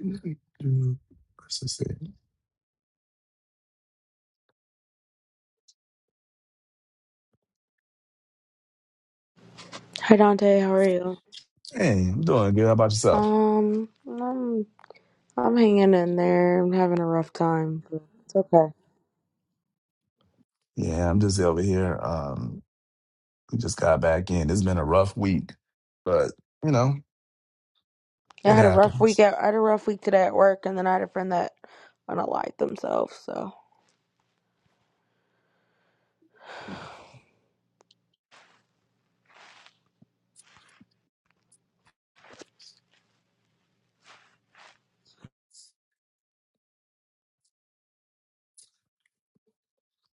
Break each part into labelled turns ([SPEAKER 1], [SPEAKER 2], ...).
[SPEAKER 1] Hey,
[SPEAKER 2] Hey Dante, how are you?
[SPEAKER 1] I'm doing good. How about yourself?
[SPEAKER 2] Um, I'm I'm hanging in there. I'm having a rough time, but it's okay.
[SPEAKER 1] Yeah, I'm just over here. Um, we just got back in. It's been a rough week, but you know,
[SPEAKER 2] Yeah, I
[SPEAKER 1] it
[SPEAKER 2] had a rough week
[SPEAKER 1] happens.
[SPEAKER 2] at I had a rough week today at work, and then I had a friend that unalived themselves. So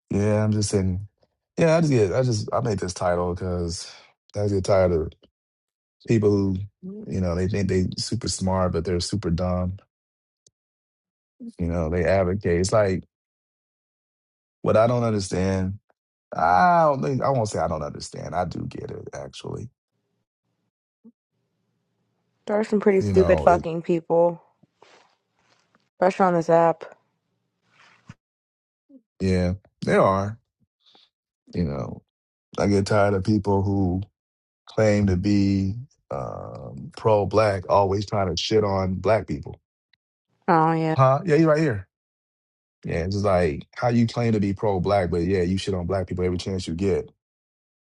[SPEAKER 1] Yeah, I'm just sitting. Yeah, I just get. I just I made this title because I get tired of people who, you know, they think they super smart, but they're super dumb. You know, they advocate. It's like what I don't understand. I don't think I won't say I don't understand. I do get it actually.
[SPEAKER 2] there are some pretty
[SPEAKER 1] You
[SPEAKER 2] stupid
[SPEAKER 1] know, it.
[SPEAKER 2] fucking people, especially on this app.
[SPEAKER 1] Yeah, there are. You know, I get tired of people who claim to be um, pro-black always trying to shit on black people.
[SPEAKER 2] Oh yeah,
[SPEAKER 1] Huh? Yeah, you right here. Yeah, it's just like how you claim to be pro-black, but yeah, you shit on black people every chance you get.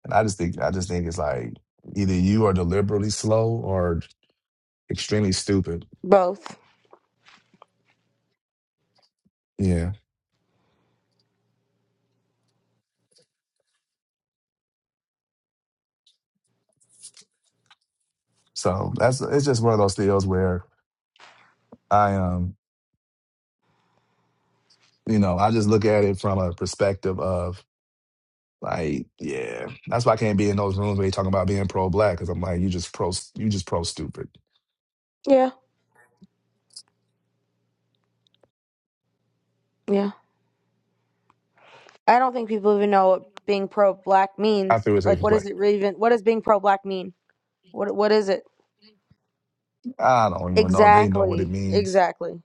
[SPEAKER 1] And I just think, I just think it's like either you are deliberately slow or extremely stupid.
[SPEAKER 2] both.
[SPEAKER 1] Yeah. So that's it's just one of those deals where I um you know I just look at it from a perspective of Like, yeah, that's why I can't be in those rooms where you talking about being pro black because I'm like, you just pro, you just pro stupid.
[SPEAKER 2] Yeah, yeah. I don't think people even know what being pro-black
[SPEAKER 1] How
[SPEAKER 2] means.
[SPEAKER 1] people say
[SPEAKER 2] Like, what is
[SPEAKER 1] complain?
[SPEAKER 2] it really even? What does being pro-black mean? What What is it
[SPEAKER 1] I don't even know. They know what it
[SPEAKER 2] exactly?
[SPEAKER 1] means.
[SPEAKER 2] Exactly.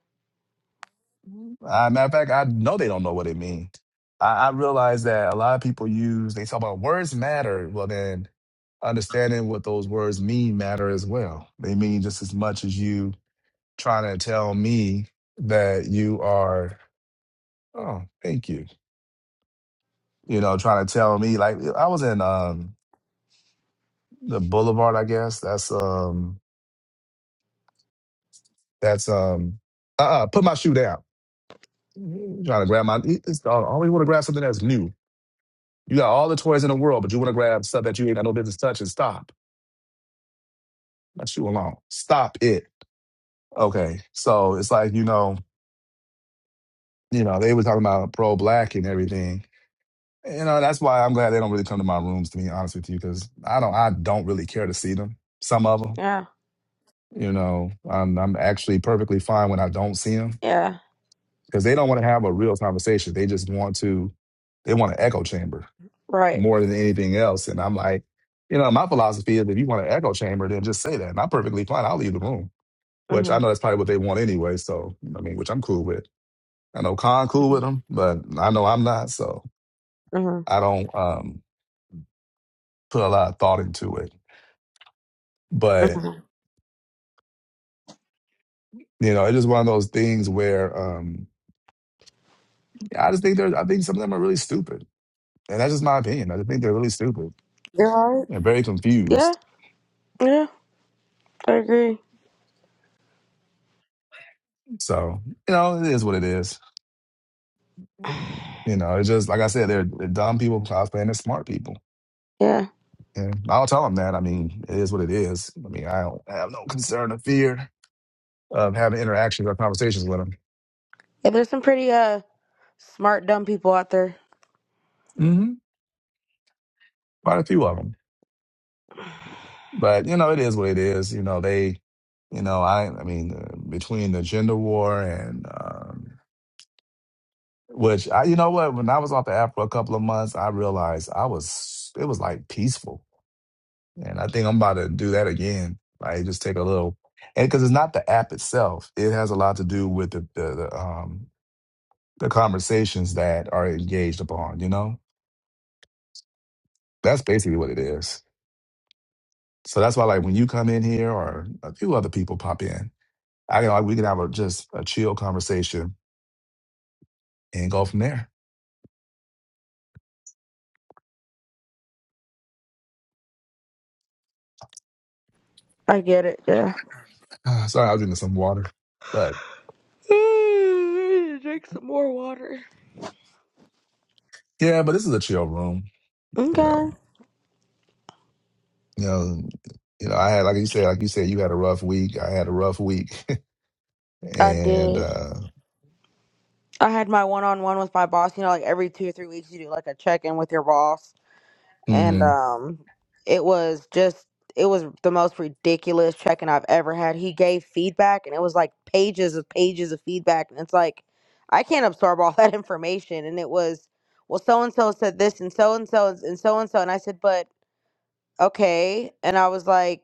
[SPEAKER 1] Uh, matter of fact, I know they don't know what it means. I, I realize that a lot of people use they talk about words matter. Well, then understanding what those words mean matter as well. They mean just as much as you trying to tell me that you are. Oh, thank you. You know, trying to tell me like I was in um the Boulevard. I guess that's um that's um uh uh put my shoe down. Trying to grab my. It's, uh, I always want to grab something that's new You got all the toys in the world, but you want to grab stuff that you ain't got no business touching. Stop. Let you alone. Stop it. Okay. So it's like, you know, you know, they were talking about pro black and everything. You know, that's why I'm glad they don't really come to my rooms, to be honest with you, because I don't I don't really care to see them. Some of them,
[SPEAKER 2] Yeah.
[SPEAKER 1] you know, I'm I'm actually perfectly fine when I don't see them
[SPEAKER 2] Yeah.
[SPEAKER 1] because they don't want to have a real conversation. They just want to they want an echo chamber
[SPEAKER 2] Right.
[SPEAKER 1] more than anything else. And I'm like, you know, my philosophy is if you want an echo chamber, then just say that. And I'm perfectly fine. I'll leave the room, which
[SPEAKER 2] Mm-hmm.
[SPEAKER 1] I know that's probably what they want anyway. So, I mean, which I'm cool with. I know Khan cool with them, but I know I'm not. So
[SPEAKER 2] hmm
[SPEAKER 1] I don't um, put a lot of thought into it. But,
[SPEAKER 2] hmm
[SPEAKER 1] you know, it's just one of those things where um, I just think they're, I think some of them are really stupid. And that's just my opinion. I just think they're really stupid
[SPEAKER 2] They're all right.
[SPEAKER 1] and very
[SPEAKER 2] Yeah,
[SPEAKER 1] confused.
[SPEAKER 2] yeah, I agree.
[SPEAKER 1] So, you know, it is what it is. You know, it's just, like I said, they're, they're dumb people cosplaying as smart people
[SPEAKER 2] Yeah. Yeah,
[SPEAKER 1] And I'll tell them that. I mean, it is what it is. I mean, I don't I have no concern or fear of having interactions or conversations with them.
[SPEAKER 2] but there's some pretty uh smart dumb people out there.
[SPEAKER 1] hmm Quite a few of them, but you know, it is what it is. You know, they, you know, I, I mean, uh, between the gender war and, um, which I, you know what, when I was off the app for a couple of months, I realized I was, it was like peaceful, and I think I'm about to do that again. Like, just take a little, and because it's not the app itself, it has a lot to do with the the, the um the conversations that are engaged upon, you know? That's basically what it is. So that's why, like, when you come in here or a few other people pop in, I can, like, we can have a, just a chill conversation and go from there.
[SPEAKER 2] I get it. Yeah.
[SPEAKER 1] Ah, sorry, I was drinking some water. But
[SPEAKER 2] I need to Drink some more water.
[SPEAKER 1] yeah, but this is a chill room, you
[SPEAKER 2] Okay.
[SPEAKER 1] know? You know, you know, I had, like you said, like you said, you had a rough week. I had a rough week.
[SPEAKER 2] I
[SPEAKER 1] and,
[SPEAKER 2] did.
[SPEAKER 1] uh,
[SPEAKER 2] I had my one on one with my boss. You know, like every two or three weeks, you do like a check in with your boss. and
[SPEAKER 1] mm-hmm.
[SPEAKER 2] um it was just it was the most ridiculous check-in I've ever had. He gave feedback and it was like pages of pages of feedback and it's like I can't absorb all that information and it was well so and so said this and so and so and so and so and I said but okay and I was like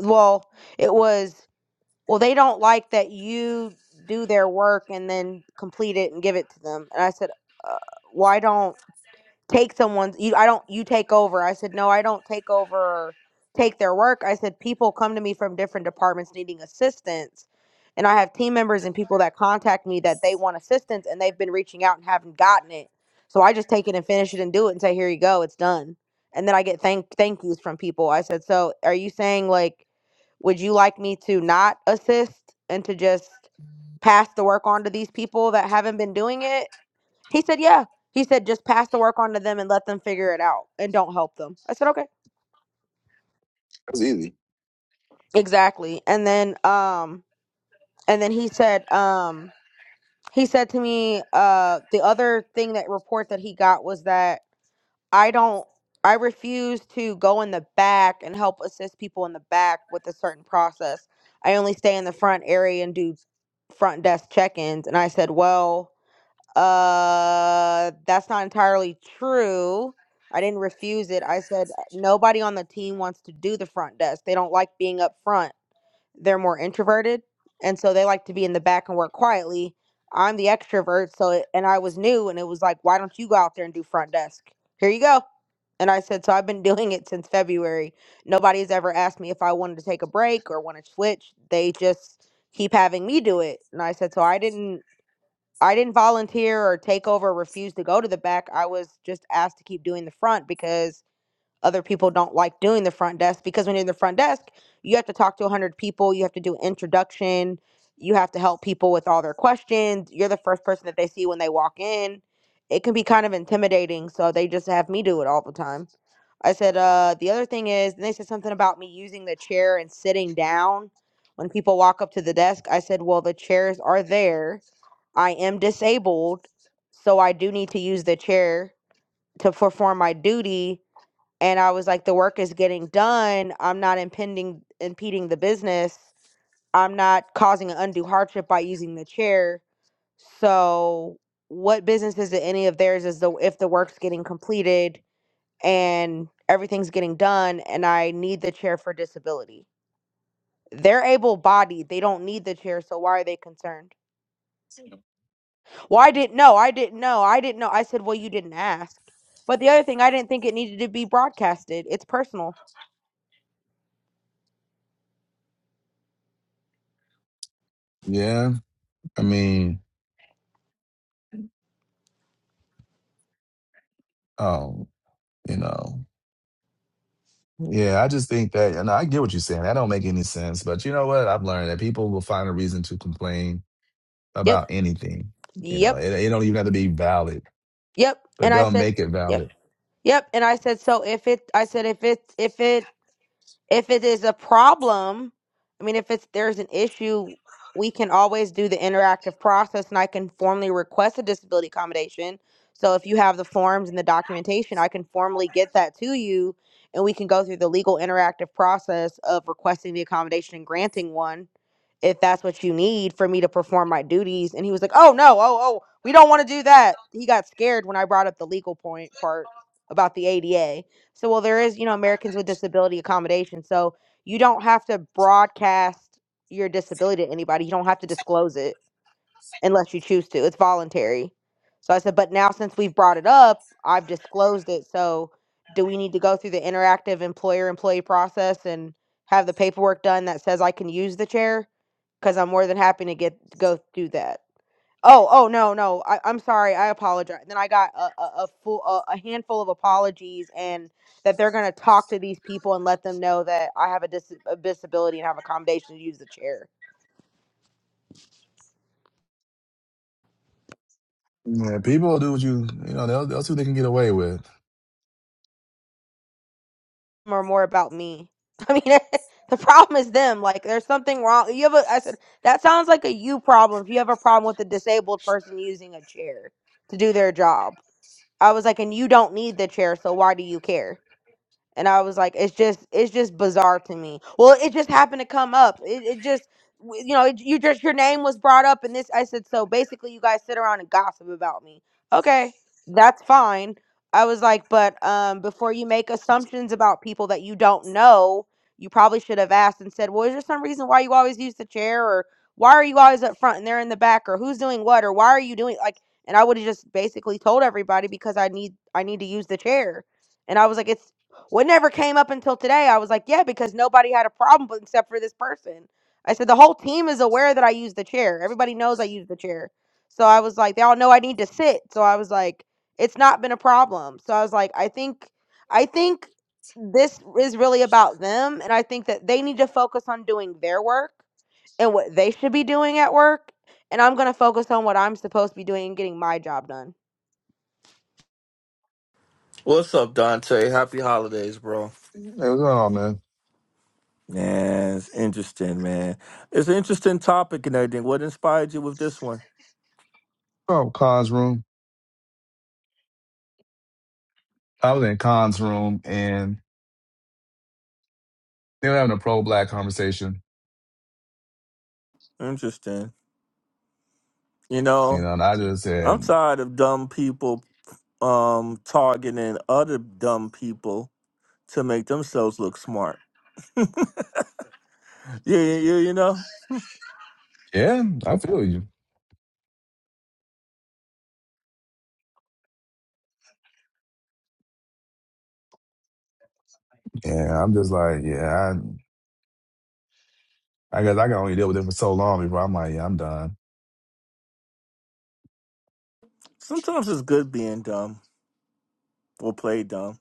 [SPEAKER 2] well it was well they don't like that you do their work and then complete it and give it to them and I said uh, why don't take someone's you I don't you take over. I said, No, I don't take over or take their work. I said people come to me from different departments needing assistance. And I have team members and people that contact me that they want assistance and they've been reaching out and haven't gotten it. So I just take it and finish it and do it and say, Here you go, it's done. And then I get thank thank yous from people. I said, So are you saying like would you like me to not assist and to just pass the work on to these people that haven't been doing it? He said, Yeah. He said, just pass the work on to them and let them figure it out and don't help them. I said, Okay.
[SPEAKER 1] It was easy.
[SPEAKER 2] Exactly. And then um and then he said, um he said to me, uh the other thing that report that he got was that I don't I refuse to go in the back and help assist people in the back with a certain process. I only stay in the front area and do front desk check-ins. And I said, Well, Uh, that's not entirely true. I didn't refuse it. I said "Uh, nobody on the team wants to do the front desk. They don't like being up front. They're more introverted, and so they like to be in the back and work quietly. I'm the extrovert, so it, and I was new, and it was like, why don't you go out there and do front desk? Here you go. And I said, so I've been doing it since February. Nobody's ever asked me if I wanted to take a break or want to switch. They just keep having me do it. And I said, so I didn't I didn't volunteer or take over or refuse to go to the back. I was just asked to keep doing the front because other people don't like doing the front desk because when you're in the front desk, you have to talk to 100 people, you have to do introduction, you have to help people with all their questions. You're the first person that they see when they walk in. It can be kind of intimidating, so they just have me do it all the time. I said, uh, the other thing is, and they said something about me using the chair and sitting down when people walk up to the desk. I said, well, the chairs are there. I am disabled, so I do need to use the chair to perform my duty. And I was like, the work is getting done. I'm not impending, impeding the business. I'm not causing an undue hardship by using the chair. So, what business is it any of theirs is the if the work's getting completed? and everything's getting done and I need the chair for disability. They're able bodied. They don't need the chair, so why are they concerned? Well, I didn't know. I didn't know. I didn't know. I said, Well, you didn't ask. But the other thing, I didn't think it needed to be broadcasted. It's personal.
[SPEAKER 1] Yeah. I mean, um, you know. Yeah, I just think that, and I get what you're saying. That don't make any sense. But you know what? I've learned that people will find a reason to complain
[SPEAKER 2] Yep.
[SPEAKER 1] about anything. You know,
[SPEAKER 2] Yep.
[SPEAKER 1] it, it don't even have to be valid,
[SPEAKER 2] Yep.
[SPEAKER 1] but
[SPEAKER 2] And I
[SPEAKER 1] they'll
[SPEAKER 2] said,
[SPEAKER 1] make it
[SPEAKER 2] Yep.
[SPEAKER 1] valid.
[SPEAKER 2] Yep. And I said, so if it I said if it if it if it is a problem, I mean, if it's there's an issue, we can always do the interactive process, and I can formally request a disability accommodation. So if you have the forms and the documentation, I can formally get that to you, and we can go through the legal interactive process of requesting the accommodation and granting one, if that's what you need for me to perform my duties. And he was like, "Oh no, oh oh, we don't want to do that." He got scared when I brought up the legal point part about the ADA so, well, there is, you know, Americans with Disability Accommodation. So you don't have to broadcast your disability to anybody. You don't have to disclose it unless you choose to. It's voluntary. So I said, but now since we've brought it up, I've disclosed it. So do we need to go through the interactive employer employee process and have the paperwork done that says I can use the chair? Because I'm more than happy to get go through that. Oh, oh no, no. I, I'm sorry. I apologize. Then I got a, a, a full a, a handful of apologies, and that they're gonna talk to these people and let them know that I have a, dis- a disability and have accommodation to use the chair.
[SPEAKER 1] Yeah, people will do what you, you know, they'll, they'll see what they can get away with.
[SPEAKER 2] Or more about me. I mean, the problem is them. Like, there's something wrong. You have a. I said that sounds like a you problem. If you have a problem with a disabled person using a chair to do their job, I was like, and you don't need the chair, so why do you care? and I was like, it's just it's just bizarre to me. Well, it just happened to come up. It, it just w- you know it, you just your name was brought up, and this I said so. Basically, you guys sit around and gossip about me. Okay, that's fine. I was like, but um, before you make assumptions about people that you don't know, you probably should have asked and said, well, is there some reason why you always use the chair, or why are you always up front and they're in the back, or who's doing what, or why are you doing like? And I would have just basically told everybody because I need I need to use the chair. And I was like, it's what never came up until today. I was like, yeah, because nobody had a problem but except for this person. I said the whole team is aware that I use the chair. Everybody knows I use the chair. So I was like, they all know I need to sit. So I was like, it's not been a problem. So I was like, I think I think this is really about them and I think that they need to focus on doing their work and what they should be doing at work and I'm going to focus on what I'm supposed to be doing and getting my job done.
[SPEAKER 3] What's up, Dante? Happy holidays, bro.
[SPEAKER 1] Hey, what's going on, man?
[SPEAKER 3] Man, it's interesting, man. It's an interesting topic and everything. What inspired you with this one?
[SPEAKER 1] Oh, Khan's room. I was in Khan's room and they were having a pro-black conversation,
[SPEAKER 3] Interesting. You
[SPEAKER 1] you
[SPEAKER 3] know,
[SPEAKER 1] know, and I just
[SPEAKER 3] I'm
[SPEAKER 1] said,
[SPEAKER 3] tired of dumb people um targeting other dumb people to make themselves look smart. Yeah, yeah, yeah, you know.
[SPEAKER 1] yeah, I feel you. Yeah, I'm just like, yeah, I, I guess I can only deal with it for so long before I'm like, yeah, I'm done.
[SPEAKER 3] Sometimes it's good being dumb or play dumb.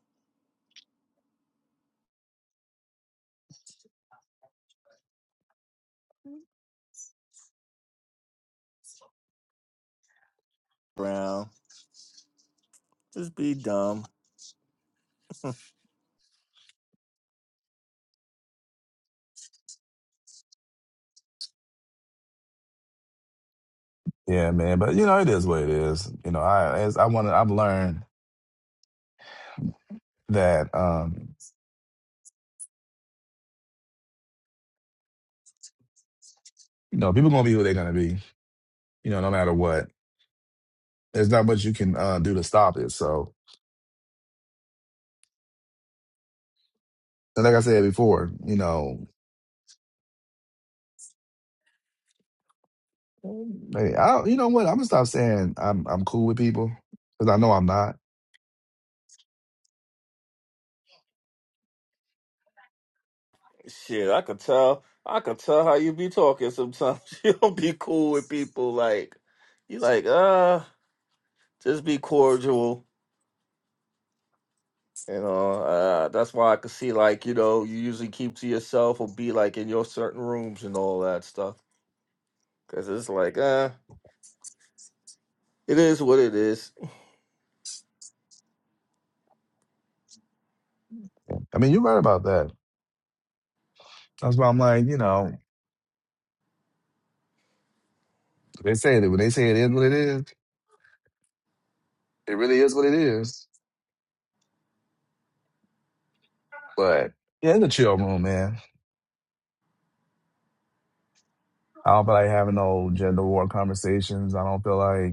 [SPEAKER 3] Brown. Just be dumb.
[SPEAKER 1] Yeah, man. But you know, it is what it is. You know, I as I want to, I've learned that um, you know people gonna be who they're gonna be. You know, no matter what, there's not much you can uh, do to stop it. So, and like I said before, you know, hey, I don't- you know what? I'm gonna stop saying I'm I'm cool with people because I know I'm not.
[SPEAKER 3] Shit, I could tell. I could tell how you be talking sometimes. You don't be cool with people. Like you, like uh, just be cordial. You know, uh, that's why I could see. Like you know, you usually keep to yourself or be like in your certain rooms and all that stuff. Cause it's like uh, it is what it is.
[SPEAKER 1] I mean, you're right about that. That's why I'm like, you know, they say that when they say it is what it is, it really is what it is. But yeah, it's a chill room, man. I don't feel like having no gender war conversations. I don't feel like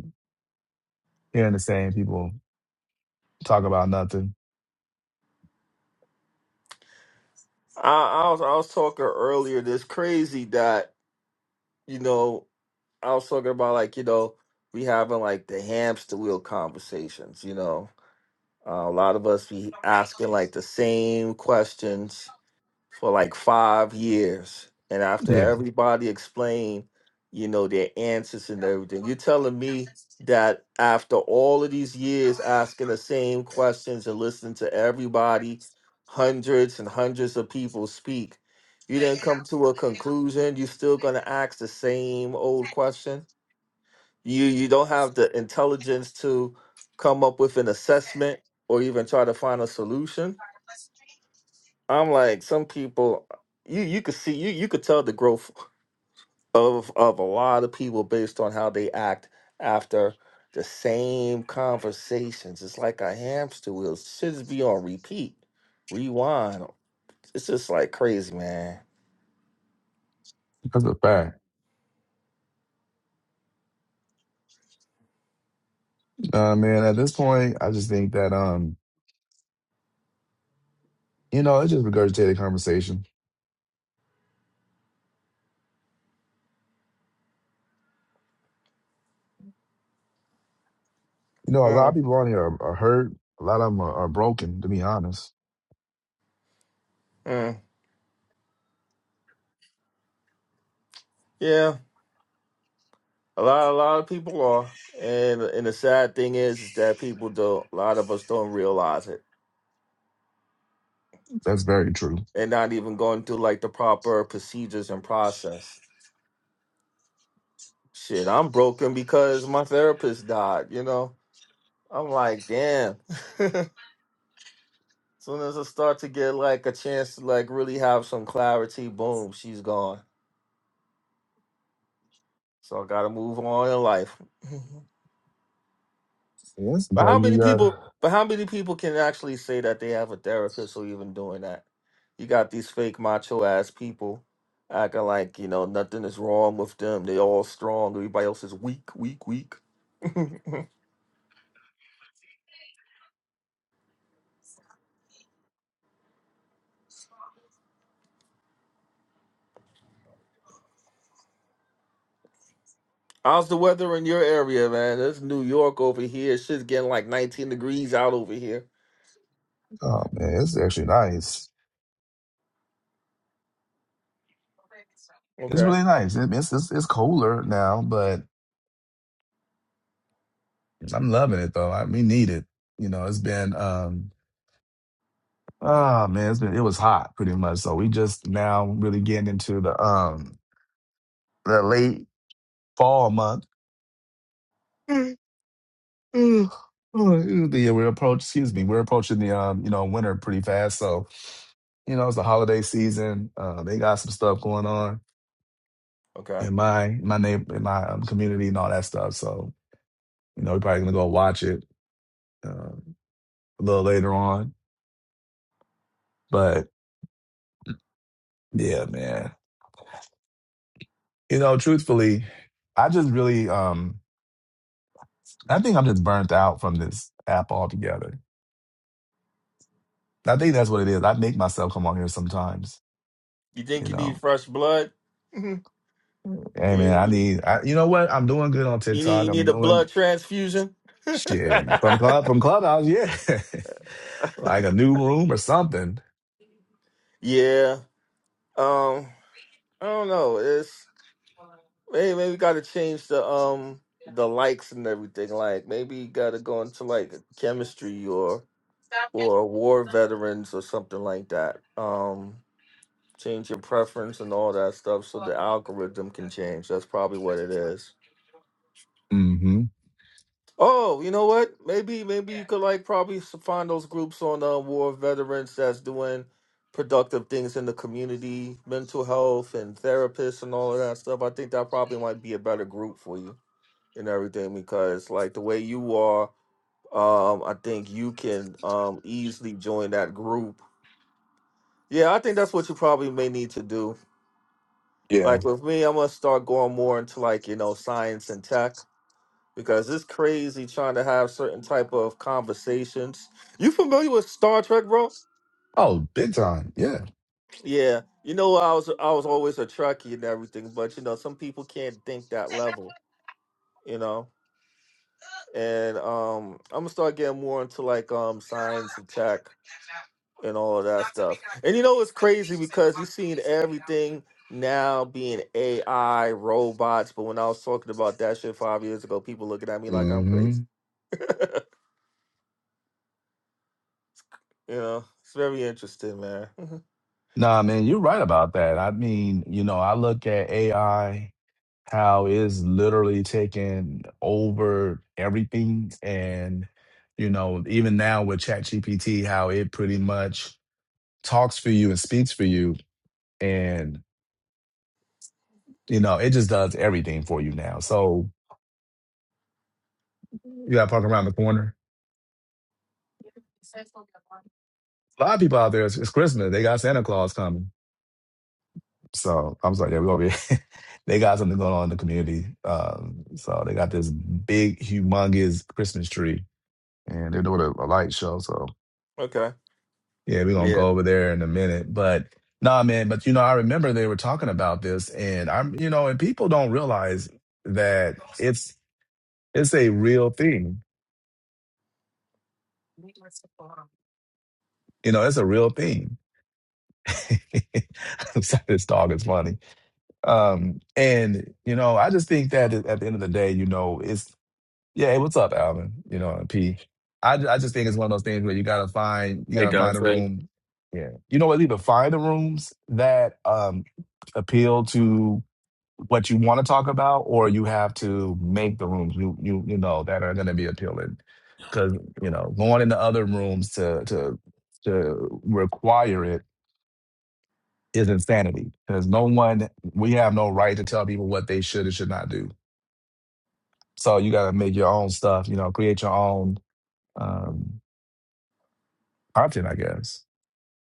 [SPEAKER 1] hearing the same people talk about nothing.
[SPEAKER 3] I, I was I was talking earlier. This crazy that you know I was talking about like you know we having like the hamster wheel conversations. You know Uh, a lot of us be asking like the same questions for like five years, and after
[SPEAKER 1] Yeah,
[SPEAKER 3] everybody explain, you know, their answers and everything, you're telling me that after all of these years asking the same questions and listening to everybody, hundreds and hundreds of people speak, you didn't come to a conclusion. You're still gonna ask the same old question you you don't have the intelligence to come up with an assessment or even try to find a solution i'm like some people you you could see you you could tell the growth of of a lot of people based on how they act after the same conversations it's like a hamster wheel should just be on repeat rewind it's just like crazy man
[SPEAKER 1] that's a fact. Uh, man, at this point, I just think that um, you know, it's just regurgitated conversation. You know, a lot of
[SPEAKER 3] Mm,
[SPEAKER 1] people on here are, are hurt. A lot of them are, are broken. To be honest,
[SPEAKER 3] mm. yeah A lot, a lot of people are, and and the sad thing is, is that people do. A lot of us don't realize it.
[SPEAKER 1] that's very true.
[SPEAKER 3] They're not even going through like the proper procedures and process. Shit, I'm broken because my therapist died. You know, I'm like, damn. Soon as I start to get like a chance to like really have some clarity, boom, she's gone. So I gotta move on in life.
[SPEAKER 1] Yeah,
[SPEAKER 3] But how
[SPEAKER 1] sometimes
[SPEAKER 3] many
[SPEAKER 1] you got.
[SPEAKER 3] people? But how many people can actually say that they have a therapist or even doing that? You got these fake macho ass people acting like you know nothing is wrong with them. They all strong. Everybody else is weak, weak, weak. How's the weather in your area, man? It's New York over here. Shit's getting like 19 degrees out over here.
[SPEAKER 1] Oh man, it's actually nice. It's
[SPEAKER 3] Okay,
[SPEAKER 1] really nice. It- It's it's, it's colder now, but I'm loving it though. I, we need it. You know, it's been um. Oh man, it's been it was hot pretty much. So we just now really getting into the um the late fall month. Oh, The we're approach, excuse me, we're approaching the um, you know, winter pretty fast. So you know, it's the holiday season. Uh, they got some stuff going on
[SPEAKER 3] okay.
[SPEAKER 1] in my in my neighbor in my um, community and all that stuff. So you know, we're probably gonna go watch it uh, a little later on. But yeah, man, you know, truthfully, I just really um, I think I'm just burnt out from this app altogether. I think that's what it is. I make myself come on here sometimes.
[SPEAKER 3] You
[SPEAKER 1] You
[SPEAKER 3] think you need
[SPEAKER 1] know,
[SPEAKER 3] fresh blood? you,
[SPEAKER 1] Hey man, I
[SPEAKER 3] you
[SPEAKER 1] need. I, you know what? I'm doing good on
[SPEAKER 3] you need
[SPEAKER 1] TikTok.
[SPEAKER 3] you
[SPEAKER 1] I'm
[SPEAKER 3] need a
[SPEAKER 1] doing
[SPEAKER 3] blood transfusion?
[SPEAKER 1] shit from club from clubhouse. Yeah, like a new room or something.
[SPEAKER 3] yeah. Um. I don't know. It's maybe maybe got to change the um the likes and everything. Like maybe you got to go into like chemistry or or war veterans or something like that. Um, change your preference and all that stuff so the algorithm can change. That's probably what it is.
[SPEAKER 1] hmm
[SPEAKER 3] Oh, you know what? Maybe maybe you could like probably s- find those groups on uh, war veterans that's doing productive things in the community, mental health and therapists and all of that stuff. I think that probably might be a better group for you. and everything because like the way you are um i think you can um easily join that group yeah i think that's what you probably may need to do
[SPEAKER 1] Yeah.
[SPEAKER 3] like with me i'm gonna start going more into like you know science and tech because it's crazy trying to have certain type of conversations you familiar with star trek bro
[SPEAKER 1] Oh, big time. Yeah.
[SPEAKER 3] yeah you know i was i was always a trekkie and everything but you know some people can't think that level you know and um i'm gonna start getting more into like um science and tech and all of that stuff. And you know it's crazy because you're seeing everything now being AI, robots. But when I was talking about that shit five years ago, people looking at me like I'm
[SPEAKER 1] hmm
[SPEAKER 3] crazy. you know, it's very interesting, man. Mhm.
[SPEAKER 1] Nah, man, you're right about that. I mean, you know, I look at AI how it's literally taking over everything, and you know, even now with ChatGPT, how it pretty much talks for you and speaks for you, and You know, it just does everything for you now. So you got to park around the corner. A lot of people out there, it's, it's Christmas. They got Santa Claus coming. So I'm sorry, yeah, we over here. they got something going on in the community. Um, so they got this big, humongous Christmas tree, and they're doing a, a light show. So
[SPEAKER 3] okay.
[SPEAKER 1] yeah, we're gonna
[SPEAKER 3] Yeah.
[SPEAKER 1] go over there in a minute. But nah, man. But you know, I remember they were talking about this, and I'm, you know, and people don't realize that it's it's a real thing. You know, it's a real thing I'm sorry, this dog is funny. Um, and you know, I just think that at the end of the day, you know, it's yeah. Hey, what's up, Alvin? You know, and P. I ju- I just think it's one of those things where you gotta find you
[SPEAKER 4] Hey,
[SPEAKER 1] gotta find a
[SPEAKER 4] Dante.
[SPEAKER 1] room. Yeah, you know what? Either find the rooms that um appeal to what you want to talk about, or you have to make the rooms you you you know that are going to be appealing. Because you know, going into other rooms to to to require it is insanity because no one we have no right to tell people what they should and should not do. So you got to make your own stuff. You know, create your own um, content. I guess.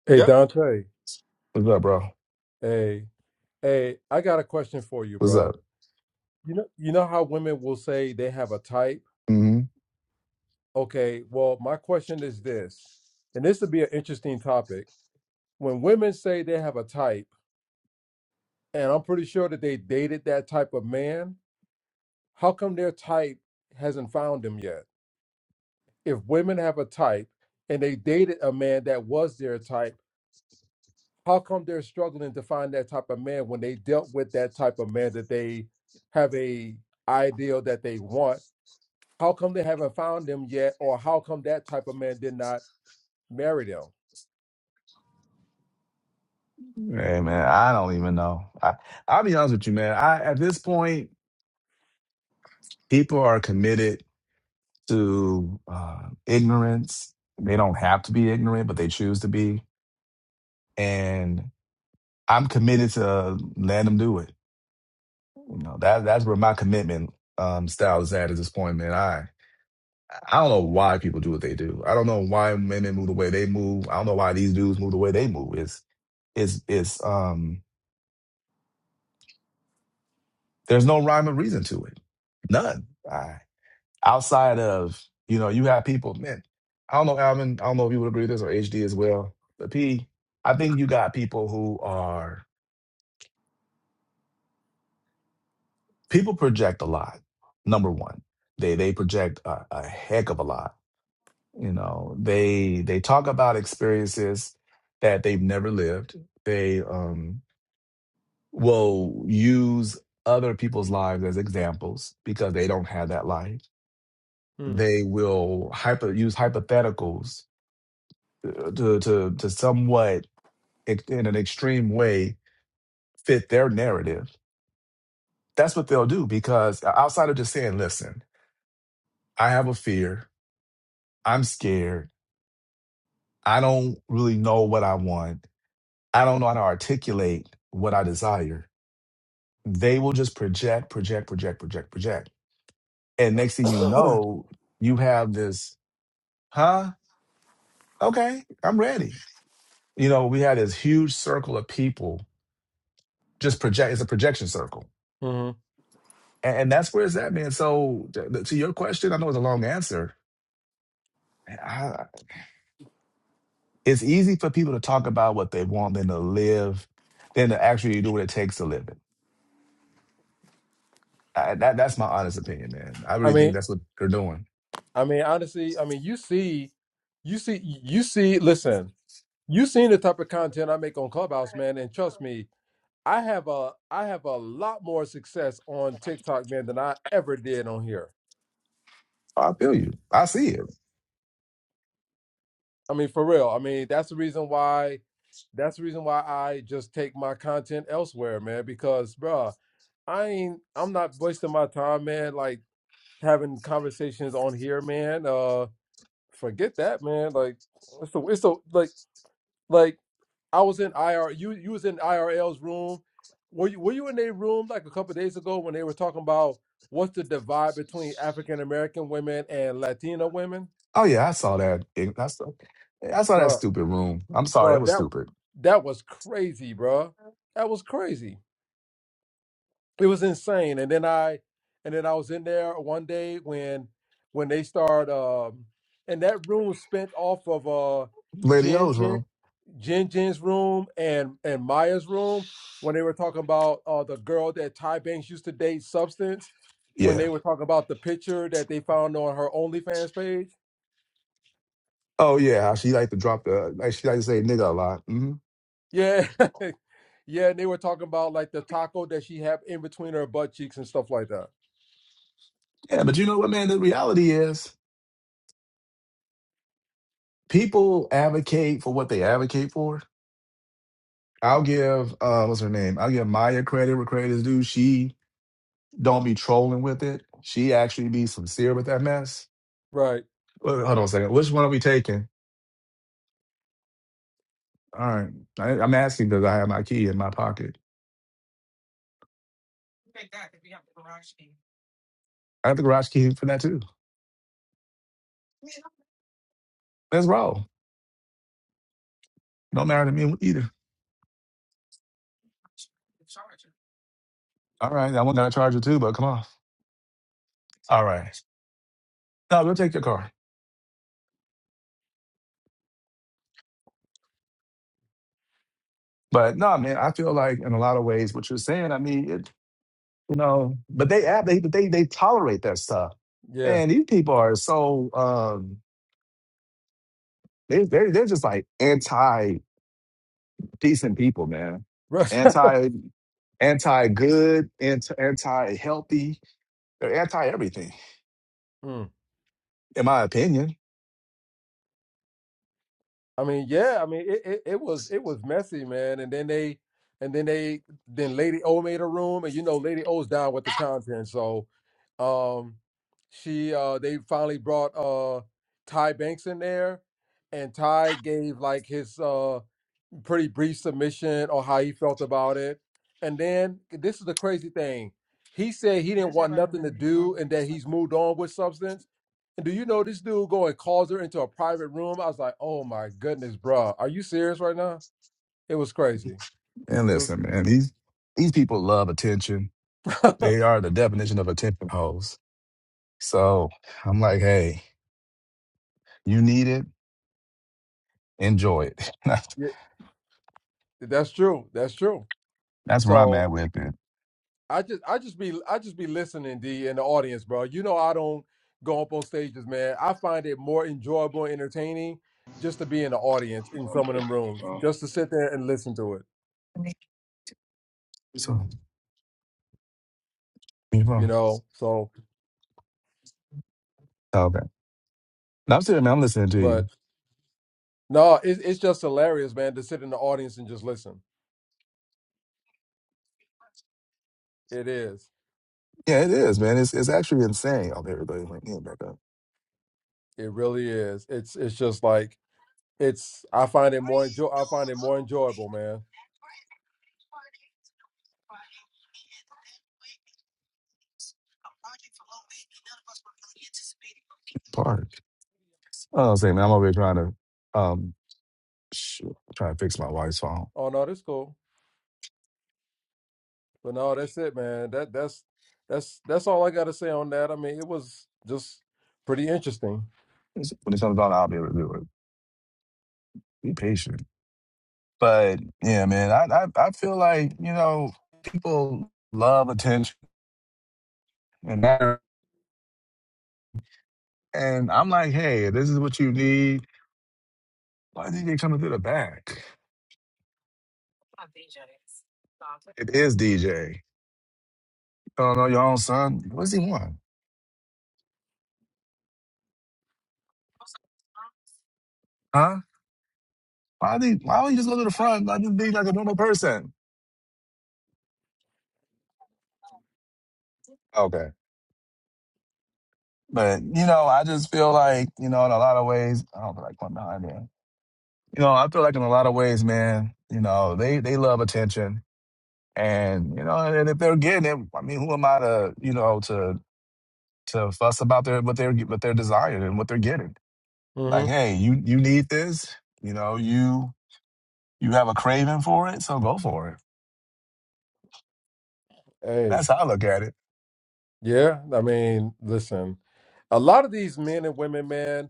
[SPEAKER 5] Hey
[SPEAKER 3] Yep.
[SPEAKER 5] Dante,
[SPEAKER 1] What's up, bro?
[SPEAKER 5] hey, hey, I got a question for you,
[SPEAKER 1] What's
[SPEAKER 5] bro.
[SPEAKER 1] up?
[SPEAKER 5] You know, you know how women will say they have a type?
[SPEAKER 1] hmm
[SPEAKER 5] Okay, well, my question is this, and this would be an interesting topic. When women say they have a type, and I'm pretty sure that they dated that type of man, how come their type hasn't found him yet? If women have a type and they dated a man that was their type, how come they're struggling to find that type of man when they dealt with that type of man that they have a ideal that they want how come they haven't found them yet or how come that type of man did not marry them
[SPEAKER 1] Hey, man, I don't even know. I, I'll be honest with you, man. I at this point, people are committed to uh, ignorance. They don't have to be ignorant, but they choose to be. And I'm committed to letting them do it. You know, that that's where my commitment um style is at at this point, man. I I don't know why people do what they do. I don't know why women move the way they move. I don't know why these dudes move the way they move. It's it's it's um there's no rhyme or reason to it. None. I, outside of, you know, you have people, man, I don't know, Alvin, I don't know if you would agree with this or HD as well. But P, I think you got people who are people project a lot, number one. They they project a, a heck of a lot You know, they they talk about experiences that they've never lived. They um will use other people's lives as examples because they don't have that life.
[SPEAKER 5] Mm.
[SPEAKER 1] They will hyper use hypotheticals uh, to to to somewhat ex- in an extreme way fit their narrative. That's what they'll do because uh, outside of just saying, "Listen, I have a fear. I'm scared. I don't really know what I want. I don't know how to articulate what I desire." they will just project, project, project, project, project. And next thing you know, you have this, huh? Okay, I'm ready. You know, we had this huge circle of people just project, it's a projection circle.
[SPEAKER 5] hmm
[SPEAKER 1] And, and that's where it's at, man. So to, to your question, I know it's a long answer. I, it's easy for people to talk about what they want than to live, than to actually do what it takes to live it. I, that, that's my honest opinion, man. I
[SPEAKER 5] i
[SPEAKER 1] really think
[SPEAKER 5] mean
[SPEAKER 1] that's what they're doing.
[SPEAKER 5] i mean honestly i mean you see you see you see listen you seen the type of content i make on clubhouse man and trust me i have a i have a lot more success on tiktok man than i ever did on here
[SPEAKER 1] I feel you. I see it.
[SPEAKER 5] I mean, for real. I mean, that's the reason why. That's the reason why I just take my content elsewhere, man. Because, bruh, I ain't. I'm not wasting my time, man. Like having conversations on here, man. Uh, forget that, man. Like, it's so it's so like like I was in IR. You you was in IRL's room. Were you were you in their room like a couple days ago when they were talking about what's the divide between African American women and Latina women,
[SPEAKER 1] Oh yeah, I saw that. I saw, I saw that stupid room. I'm sorry,
[SPEAKER 5] bro.
[SPEAKER 1] it was
[SPEAKER 5] That
[SPEAKER 1] stupid.
[SPEAKER 5] that was crazy, bro. That was crazy. It was insane. And then I, and then I was in there one day when, when they start, um, and that room spent off of uh,
[SPEAKER 1] Lady
[SPEAKER 5] gin,
[SPEAKER 1] O's
[SPEAKER 5] gin.
[SPEAKER 1] room.
[SPEAKER 5] Jin Jin's room and and Maya's room when they were talking about uh, the girl that Ty Banks used to date, Substance. When
[SPEAKER 1] Yeah.
[SPEAKER 5] they were talking about the picture that they found on her OnlyFans page.
[SPEAKER 1] Oh yeah, she like to drop the like she like to say nigga a lot. hmm
[SPEAKER 5] Yeah, yeah, and they were talking about like the taco that she had in between her butt cheeks and stuff like that.
[SPEAKER 1] Yeah, but you know what, man? The reality is people advocate for what they advocate for. I'll give uh what's her name? I'll give Maya credit where credit is due. She don't be trolling with it. She actually be sincere with that mess.
[SPEAKER 5] Right.
[SPEAKER 1] Well, hold on a second. Which one are we taking? All right. I, I'm asking because I have my key in my pocket. I have the garage key for that too. Let's roll. Don't matter to me either. All right, I want that charger too, but come on. All right. No, we'll take your car. But no, man, I feel like in a lot of ways what you're saying, I mean, it, you know, but they act, they they they tolerate that stuff.
[SPEAKER 5] Yeah.
[SPEAKER 1] And these people are so um they they're they're just like anti decent people, man.
[SPEAKER 5] Right.
[SPEAKER 1] Anti anti good, anti anti healthy. They're anti everything,
[SPEAKER 5] Mm.
[SPEAKER 1] in my opinion.
[SPEAKER 5] I mean, yeah, I mean it, it, it was it was messy, man. And then they and then they then Lady O made a room and you know Lady O's down with the content. So um she uh they finally brought uh Ty Banks in there and Ty gave like his uh pretty brief submission on how he felt about it. And then this is the crazy thing. He said he didn't want nothing to do and that he's moved on with substance. And do you know this dude go and calls her into a private room? I was like, oh my goodness, bro, Are you serious right now? It was crazy.
[SPEAKER 1] And
[SPEAKER 5] It was
[SPEAKER 1] listen, man, these these people love attention. They are the definition of attention hoes So I'm like, hey, you need it, enjoy it. that's
[SPEAKER 5] Yeah, that's true. That's true.
[SPEAKER 1] that's where I'm
[SPEAKER 5] So.
[SPEAKER 1] at with it.
[SPEAKER 5] I just I just be I just be listening, D, in the audience, bro. You know I don't go up on stages, man. I find it more enjoyable, and entertaining, just to be in the audience in some of them rooms,
[SPEAKER 1] Well,
[SPEAKER 5] just to sit there and listen to it.
[SPEAKER 1] So you know,
[SPEAKER 5] You know, so
[SPEAKER 1] okay. Now I'm sitting, there, I'm listening to you.
[SPEAKER 5] but no, it's it's just hilarious, man, to sit in the audience and just listen. It is.
[SPEAKER 1] Yeah, it is, man. It's it's actually insane. Oh, there everybody's like, yeah, back up.
[SPEAKER 5] It really is. It's it's just like it's. I find it more enjoy. I find it more enjoyable, man.
[SPEAKER 1] Park. Oh, say, man, I'm over here trying to um shoot, trying to fix my wife's phone.
[SPEAKER 5] Oh no, this cool. But no, that's it, man. That that's that's that's all I got to say on that. I mean, it was just pretty interesting.
[SPEAKER 1] When it comes on, I'll be able to do it. Be patient. But yeah, man, I I, I feel like you know people love attention and that, and I'm like, hey, this is what you need Why DJ coming through the back? It is DJ. You don't know your own son. What does he want? Huh? Why did why don't you just go to the front? Like just be like a normal person. Okay. But you know, I just feel like, you know, in a lot of ways, I don't feel like going behind him. You know, I feel like in a lot of ways, man, you know, they they love attention. And, you know, and if they're getting it, I mean, who am I to, you know, to to fuss about their what they're what they're desiring and what they're getting? Like,
[SPEAKER 5] hmm
[SPEAKER 1] hey, you you need this, you know, you You have a craving for it, so go for it.
[SPEAKER 5] Hey,
[SPEAKER 1] That's how I look at it.
[SPEAKER 5] yeah. I mean, listen, a lot of these men and women, man,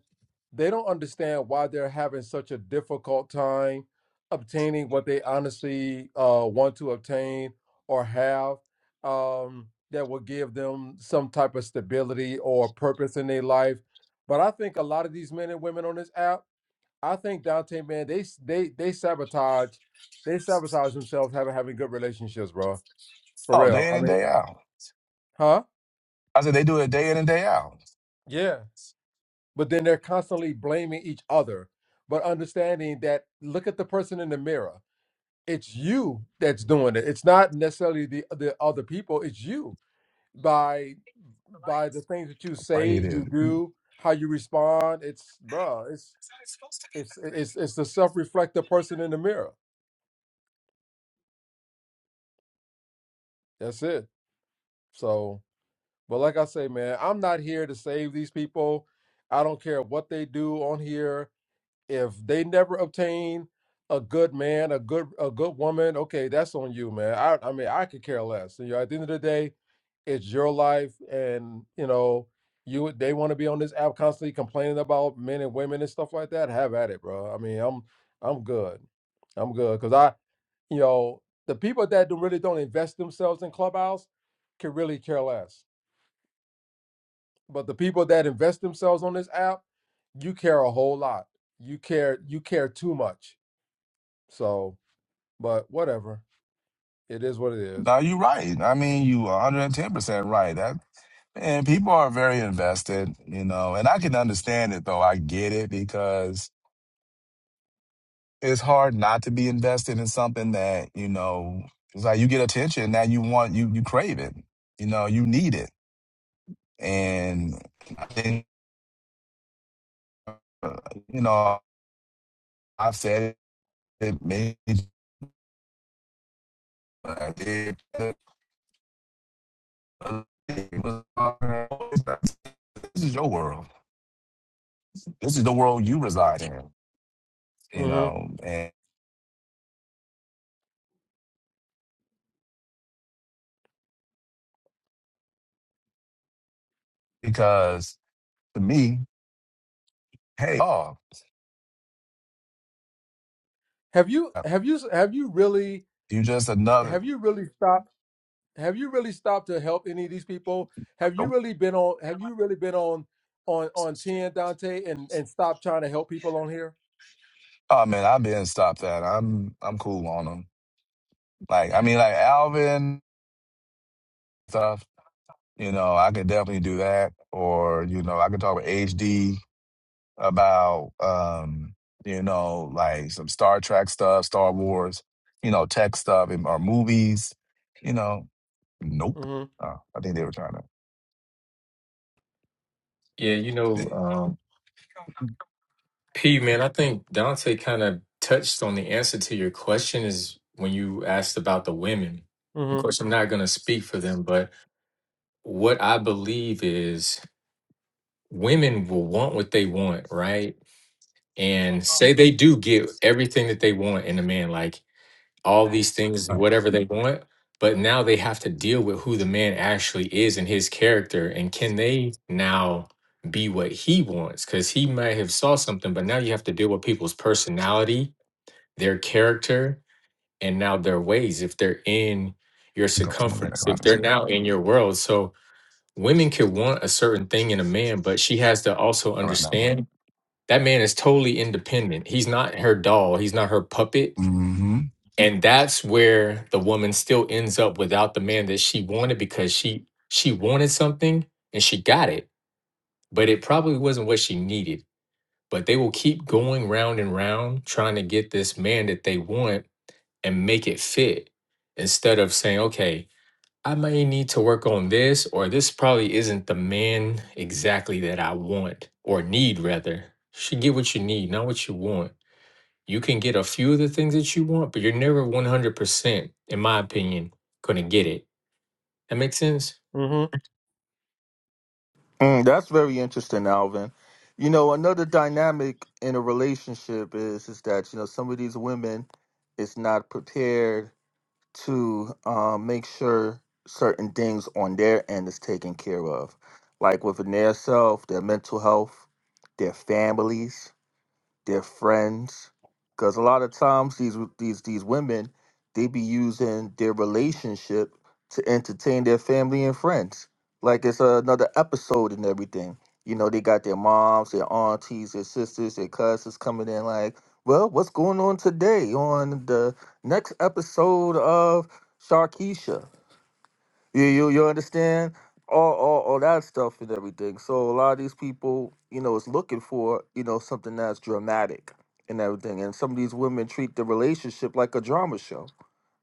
[SPEAKER 5] they don't understand why they're having such a difficult time obtaining what they honestly uh, want to obtain or have um, that will give them some type of stability or purpose in their life. But I think a lot of these men and women on this app I think Dante, man, they they they sabotage, they sabotage themselves having having good relationships, bro. For
[SPEAKER 1] Oh,
[SPEAKER 5] real.
[SPEAKER 1] day in
[SPEAKER 5] I
[SPEAKER 1] and
[SPEAKER 5] mean,
[SPEAKER 1] day out.
[SPEAKER 5] huh?
[SPEAKER 1] I said they do it day in and day out.
[SPEAKER 5] Yeah. But then they're constantly blaming each other, but understanding that look at the person in the mirror. It's you that's doing it. It's not necessarily the the other people. It's you by by the things that you
[SPEAKER 1] Right
[SPEAKER 5] say,
[SPEAKER 1] here it
[SPEAKER 5] you
[SPEAKER 1] is.
[SPEAKER 5] do, how you respond. It's bro. It's it's it's it's the self reflective person in the mirror. That's it. So. But like I say, man, I'm not here to save these people. I don't care what they do on here. If they never obtain a good man, a good a good woman, okay, that's on you, man. I I mean, I could care less. You know, at the end of the day, it's your life, and you know, you they want to be on this app constantly complaining about men and women and stuff like that. Have at it, bro. I mean, I'm I'm good. I'm good because I you know, the people that do, really don't invest themselves in Clubhouse can really care less. But the people that invest themselves on this app, you care a whole lot. You care you care too much. So, but whatever. It is what it is.
[SPEAKER 1] Now you're right. I mean, you 110 percent right. That and people are very invested, you know, and I can understand it though. I get it because it's hard not to be invested in something that, you know, it's like you get attention that you want you you crave it. You know, you need it. And I think uh, you know I've said it many times. I did. This is your world. This is the world you reside in, you
[SPEAKER 5] Mhm.
[SPEAKER 1] know. And because to me, hey, oh,
[SPEAKER 5] Have you have you have you really
[SPEAKER 1] you just another.
[SPEAKER 5] have you really stopped have you really stopped to help any of these people? Have you
[SPEAKER 1] nope.
[SPEAKER 5] really been on have you really been on on on 10 Dante and and stop trying to help people on here?
[SPEAKER 1] Oh man, I've been stopped that. I'm I'm cool on them. Like I mean, like Alvin stuff. You know, I could definitely do that. Or you know, I could talk with HD. about um, you know, like some Star Trek stuff, Star Wars, you know, tech stuff and or movies, you know. Nope.
[SPEAKER 5] Mhm.
[SPEAKER 1] Oh, I think they were trying to
[SPEAKER 4] Yeah, you
[SPEAKER 1] yeah.
[SPEAKER 4] know, um, P, man, I think Dante kind of touched on the answer to your question is when you asked about the women. Of
[SPEAKER 5] Mhm.
[SPEAKER 4] course, I'm not going to speak for them, but what I believe is women will want what they want, right? And say they do get everything that they want in a man. Like, all these things,
[SPEAKER 1] All right.
[SPEAKER 4] whatever they want. But now they have to deal with who the man actually is and his character, and can they now be what he wants? Because he might have saw something, but now you have to deal with people's personality, their character, and now their ways. If they're in your
[SPEAKER 1] Go, I'm gonna go back
[SPEAKER 4] circumference,
[SPEAKER 1] around
[SPEAKER 4] if
[SPEAKER 1] this
[SPEAKER 4] they're
[SPEAKER 1] way.
[SPEAKER 4] now in your world, so women could want a certain thing in a man, but she has to also
[SPEAKER 1] Around that room.
[SPEAKER 4] understand that man is totally independent. He's not her doll. He's not her puppet
[SPEAKER 1] Mm-hmm.
[SPEAKER 4] and that's where the woman still ends up without the man that she wanted because she she wanted something and she got it but it probably wasn't what she needed but they will keep going round and round trying to get this man that they want and make it fit instead of saying okay i may need to work on this or this probably isn't the man exactly that i want or need rather you should get what you need not what you want you can get a few of the things that you want, but you're never 100%, in my opinion, going to get it. That makes sense?
[SPEAKER 5] Mhm.
[SPEAKER 3] Mm, that's very interesting, Alvin. You know, another dynamic in a relationship is is that you know some of these women is not prepared to uh, make sure certain things on their end is taken care of, like within their self, their mental health, their families their friends, because a lot of times these these these women they be using their relationship to entertain their family and friends. Like it's another episode and everything. You know, they got their moms, their aunties, their sisters, their cousins coming in like, well, what's going on today on the next episode of Sharkeisha? You you you understand? All all all that stuff and everything. So a lot of these people, you know, is looking for, you know, something that's dramatic and everything. And some of these women treat the relationship like a drama show.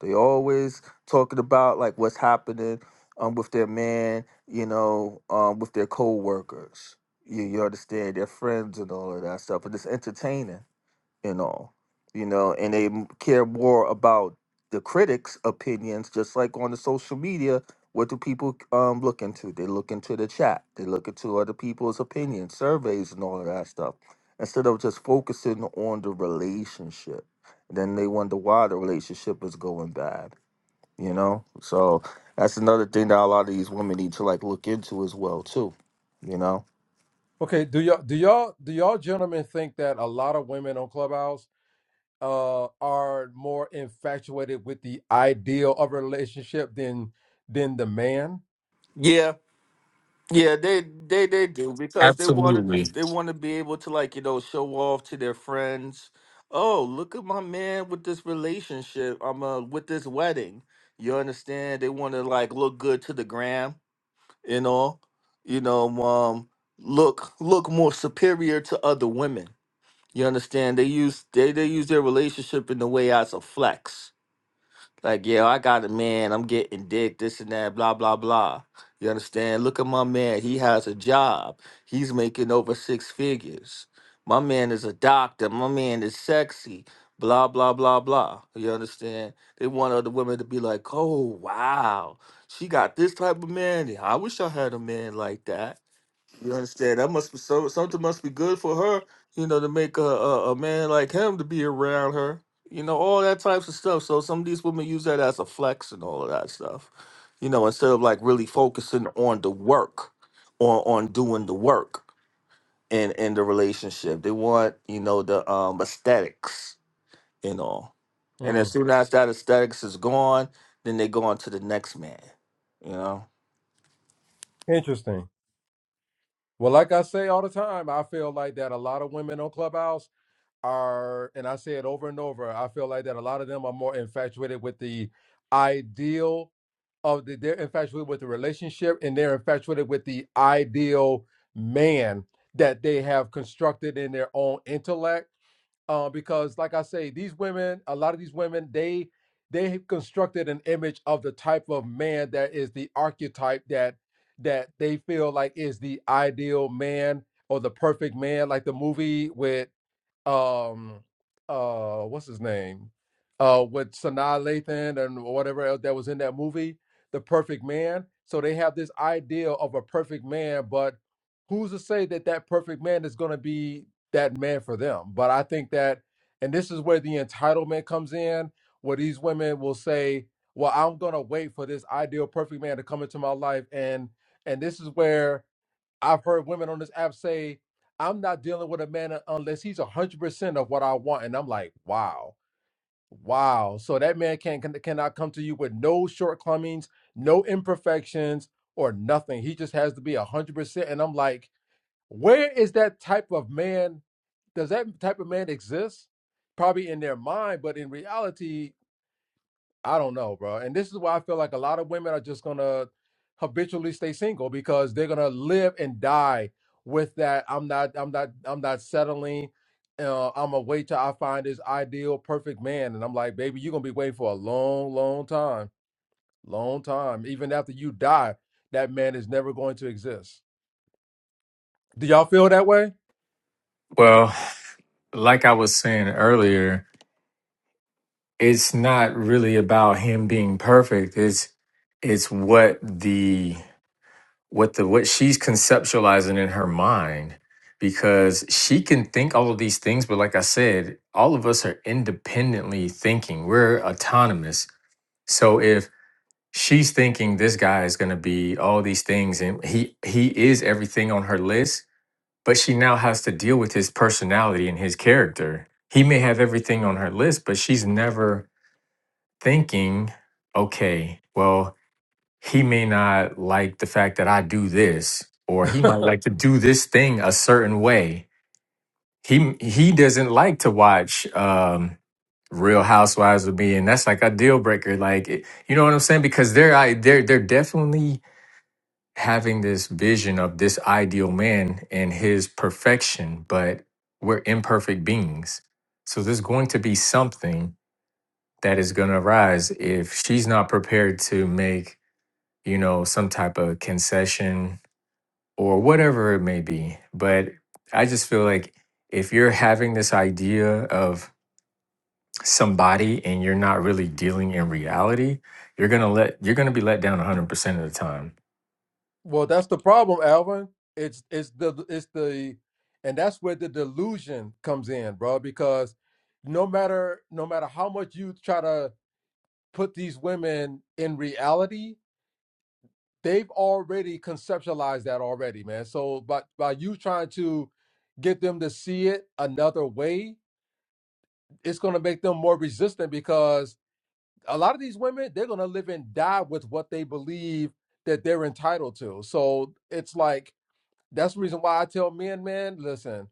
[SPEAKER 3] They always talking about like what's happening um with their man, you know, um with their co-workers. You you understand, their friends and all of that stuff. And it's entertaining and all, you know, and they m- care more about the critics' opinions, just like on the social media. What do people um, look into? They look into the chat. They look into other people's opinions, surveys, and all of that stuff, instead of just focusing on the relationship. Then they wonder why the relationship is going bad, you know. So that's another thing that a lot of these women need to like look into as well, too, you know.
[SPEAKER 5] Okay, do y'all do y'all do y'all gentlemen think that a lot of women on Clubhouse uh, are more infatuated with the ideal of a relationship than than the man.
[SPEAKER 3] Yeah, they they they do because they want to
[SPEAKER 4] Absolutely.
[SPEAKER 3] they want to be able to like you know show off to their friends. Oh, look at my man with this relationship. I'm uh with this wedding. You understand? They want to like look good to the gram and all. You know, um, look look more superior to other women. You understand? They use they they use their relationship in the way as a flex like, yeah, I got a man, I'm getting dick, this and that, blah, blah, blah. You understand? Look at my man. He has a job. He's making over six figures. My man is a doctor. My man is sexy. Blah, blah, blah, blah. You understand? They want other women to be like, oh, wow, she got this type of man. I wish I had a man like that. You understand? That must be so something must be good for her, you know, to make a, a, a man like him to be around her. You know, all that types of stuff. So some of these women use that as a flex and all of that stuff. You know, instead of like really focusing on the work or on doing the work in in the relationship. They want, you know, the um aesthetics and all. And
[SPEAKER 5] Mm.
[SPEAKER 3] as soon as that aesthetics is gone, then they go on to the next man. You know?
[SPEAKER 5] Interesting. Well, like I say all the time, I feel like that a lot of women on Clubhouse are, and I say it over and over. I feel like that a lot of them are more infatuated with the ideal of the. They're infatuated with the relationship, and they're infatuated with the ideal man that they have constructed in their own intellect uh, because like I say, these women, a lot of these women, they they have constructed an image of the type of man that is the archetype that that they feel like is the ideal man or the perfect man, like the movie with um uh what's his name uh with Sanaa Lathan and whatever else that was in that movie The Perfect Man so they have this idea of a perfect man but who's to say that that perfect man is going to be that man for them but I think that and this is where the entitlement comes in where these women will say well I'm going to wait for this ideal perfect man to come into my life and and this is where I've heard women on this app say, I'm not dealing with a man unless he's 100% of what I want. And I'm like, wow, wow. So that man can, can, cannot come to you with no shortcomings, no imperfections, or nothing. He just has to be 100%. And I'm like, where is that type of man? Does that type of man exist? Probably in their mind, but in reality, I don't know, bro. And this is why I feel like a lot of women are just gonna habitually stay single because they're gonna live and die with that. I'm not. I'm not. I'm not settling. Uh, I'm gonna wait till I find this ideal, perfect man. And I'm like, baby, you're gonna be waiting for a long, long time, long time. Even after you die, that man is never going to exist. Do y'all feel that way?
[SPEAKER 4] Well, like I was saying earlier, it's not really about him being perfect. It's it's what the what the what she's conceptualizing in her mind because she can think all of these things but like I said, all of us are independently thinking. We're autonomous. So if she's thinking this guy is going to be all these things and he he is everything on her list but she now has to deal with his personality and his character he may have everything on her list but she's never thinking okay well he may not like the fact that i do this or he might like to do this thing a certain way he he doesn't like to watch um Real Housewives with me, and that's like a deal breaker. Like, it- you know what I'm saying? Because they're I, they're they're definitely having this vision of this ideal man and his perfection, but we're imperfect beings. So there's going to be something that is going to arise if she's not prepared to make, you know, some type of concession or whatever it may be. But I just feel like if you're having this idea of somebody and you're not really dealing in reality, you're going to let you're going to be let down 100% of the time
[SPEAKER 5] Well, that's the problem, Alvin. It's it's the it's the and that's where the delusion comes in, bro, because no matter no matter how much you try to put these women in reality, they've already conceptualized that already, man. So by by you trying to get them to see it another way, it's going to make them more resistant because a lot of these women, they're going to live and die with what they believe that they're entitled to. So it's like That's the reason why I tell men, man, listen,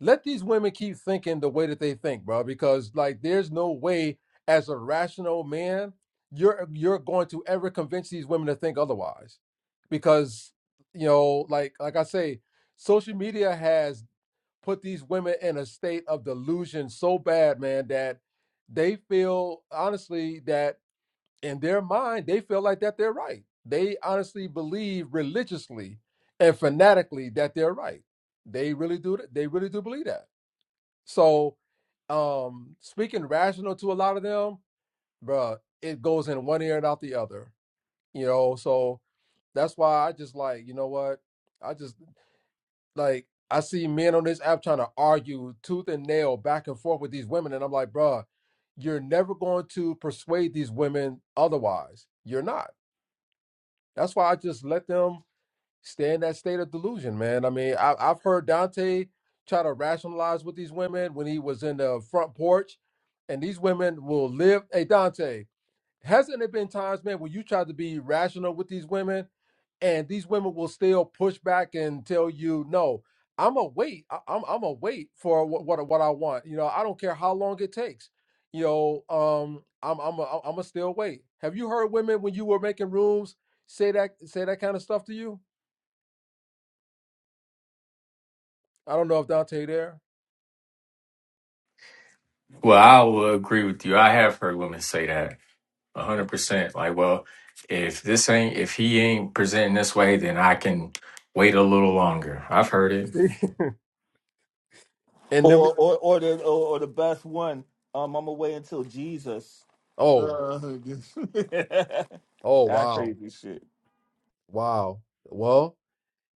[SPEAKER 5] let these women keep thinking the way that they think, bro, because like there's no way as a rational man you're you're going to ever convince these women to think otherwise. Because you know, like like I say, social media has put these women in a state of delusion so bad, man, that they feel honestly that in their mind, they feel like that they're right. They honestly believe religiously and fanatically that they're right. They really do. They really do believe that. So, um, speaking rational to a lot of them, bruh, it goes in one ear and out the other. You know, so that's why I just like, you know what? I just like I see men on this app trying to argue tooth and nail back and forth with these women, and I'm like, bruh, you're never going to persuade these women otherwise. You're not That's why I just let them stay in that state of delusion, man. I mean, I, I've heard Dante try to rationalize with these women when he was in the front porch, and these women will live. Hey, Dante, hasn't it been times, man, where you tried to be rational with these women and these women will still push back and tell you, no, I'm gonna wait. I- I'm I'm gonna wait for what what, what I want. You know, I don't care how long it takes. You know, um, I'm I'm a, I'm gonna still wait. Have you heard women when you were making rooms say that say that kind of stuff to you? I don't know if Dante there.
[SPEAKER 4] Well, I will agree with you. I have heard women say that a hundred percent. Like, well, if this ain't if he ain't presenting this way, then I can wait a little longer. I've heard it,
[SPEAKER 5] And then,
[SPEAKER 3] Or or or the or, or the best one. Um, I'm away until Jesus.
[SPEAKER 5] oh,
[SPEAKER 3] Uh, that
[SPEAKER 5] oh, wow,
[SPEAKER 3] crazy shit.
[SPEAKER 5] wow. Well,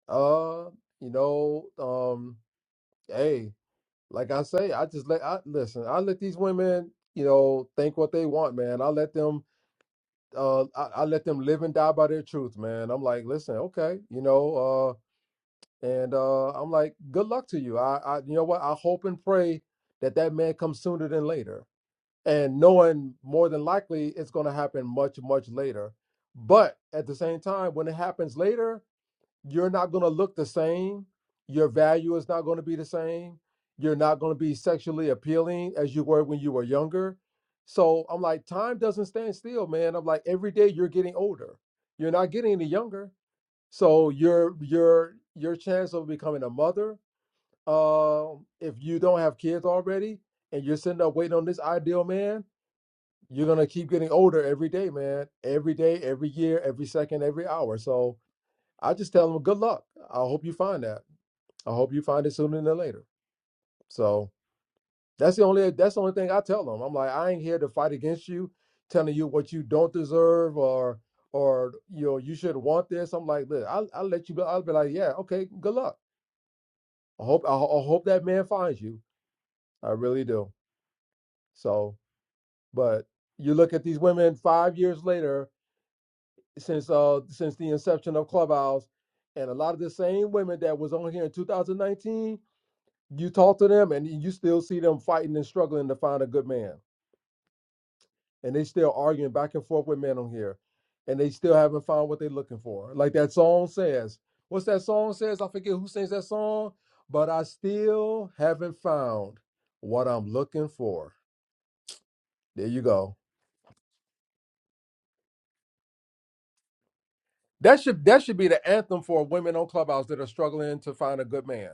[SPEAKER 5] uh, you know, um, hey. like I say, I just let I listen. I let these women, you know, think what they want, man. I let them, uh, I, I let them live and die by their truth, man. I'm like, listen, okay, you know, uh, and uh, I'm like, good luck to you. I, I, you know what? I hope and pray that that man comes sooner than later, and knowing more than likely it's going to happen much, much later. But at the same time, when it happens later, you're not going to look the same. Your value is not going to be the same. You're not going to be sexually appealing as you were when you were younger. So I'm like, time doesn't stand still, man. I'm like, every day you're getting older. You're not getting any younger. So your your your chance of becoming a mother, um, if you don't have kids already, and you're sitting up waiting on this ideal man, you're gonna keep getting older every day, man. Every day, every year, every second, every hour. So I just tell them good luck. I hope you find that. I hope you find it sooner than later. So that's the only that's the only thing I tell them. I'm like, I ain't here to fight against you, telling you what you don't deserve or or you know you should want this. I'm like, look, I'll, I'll let you. go. I'll be like, yeah, okay, good luck. I hope I, I hope that man finds you. I really do. So, but you look at these women five years later since uh since the inception of Clubhouse, and a lot of the same women that was on here in 2019 You talk to them, and you still see them fighting and struggling to find a good man, and they still arguing back and forth with men on here, and they still haven't found what they're looking for. Like that song says, what's that song says? I forget who sings that song, but I still haven't found what I'm looking for. There you go. That should that should be the anthem for women on Clubhouse that are struggling to find a good man.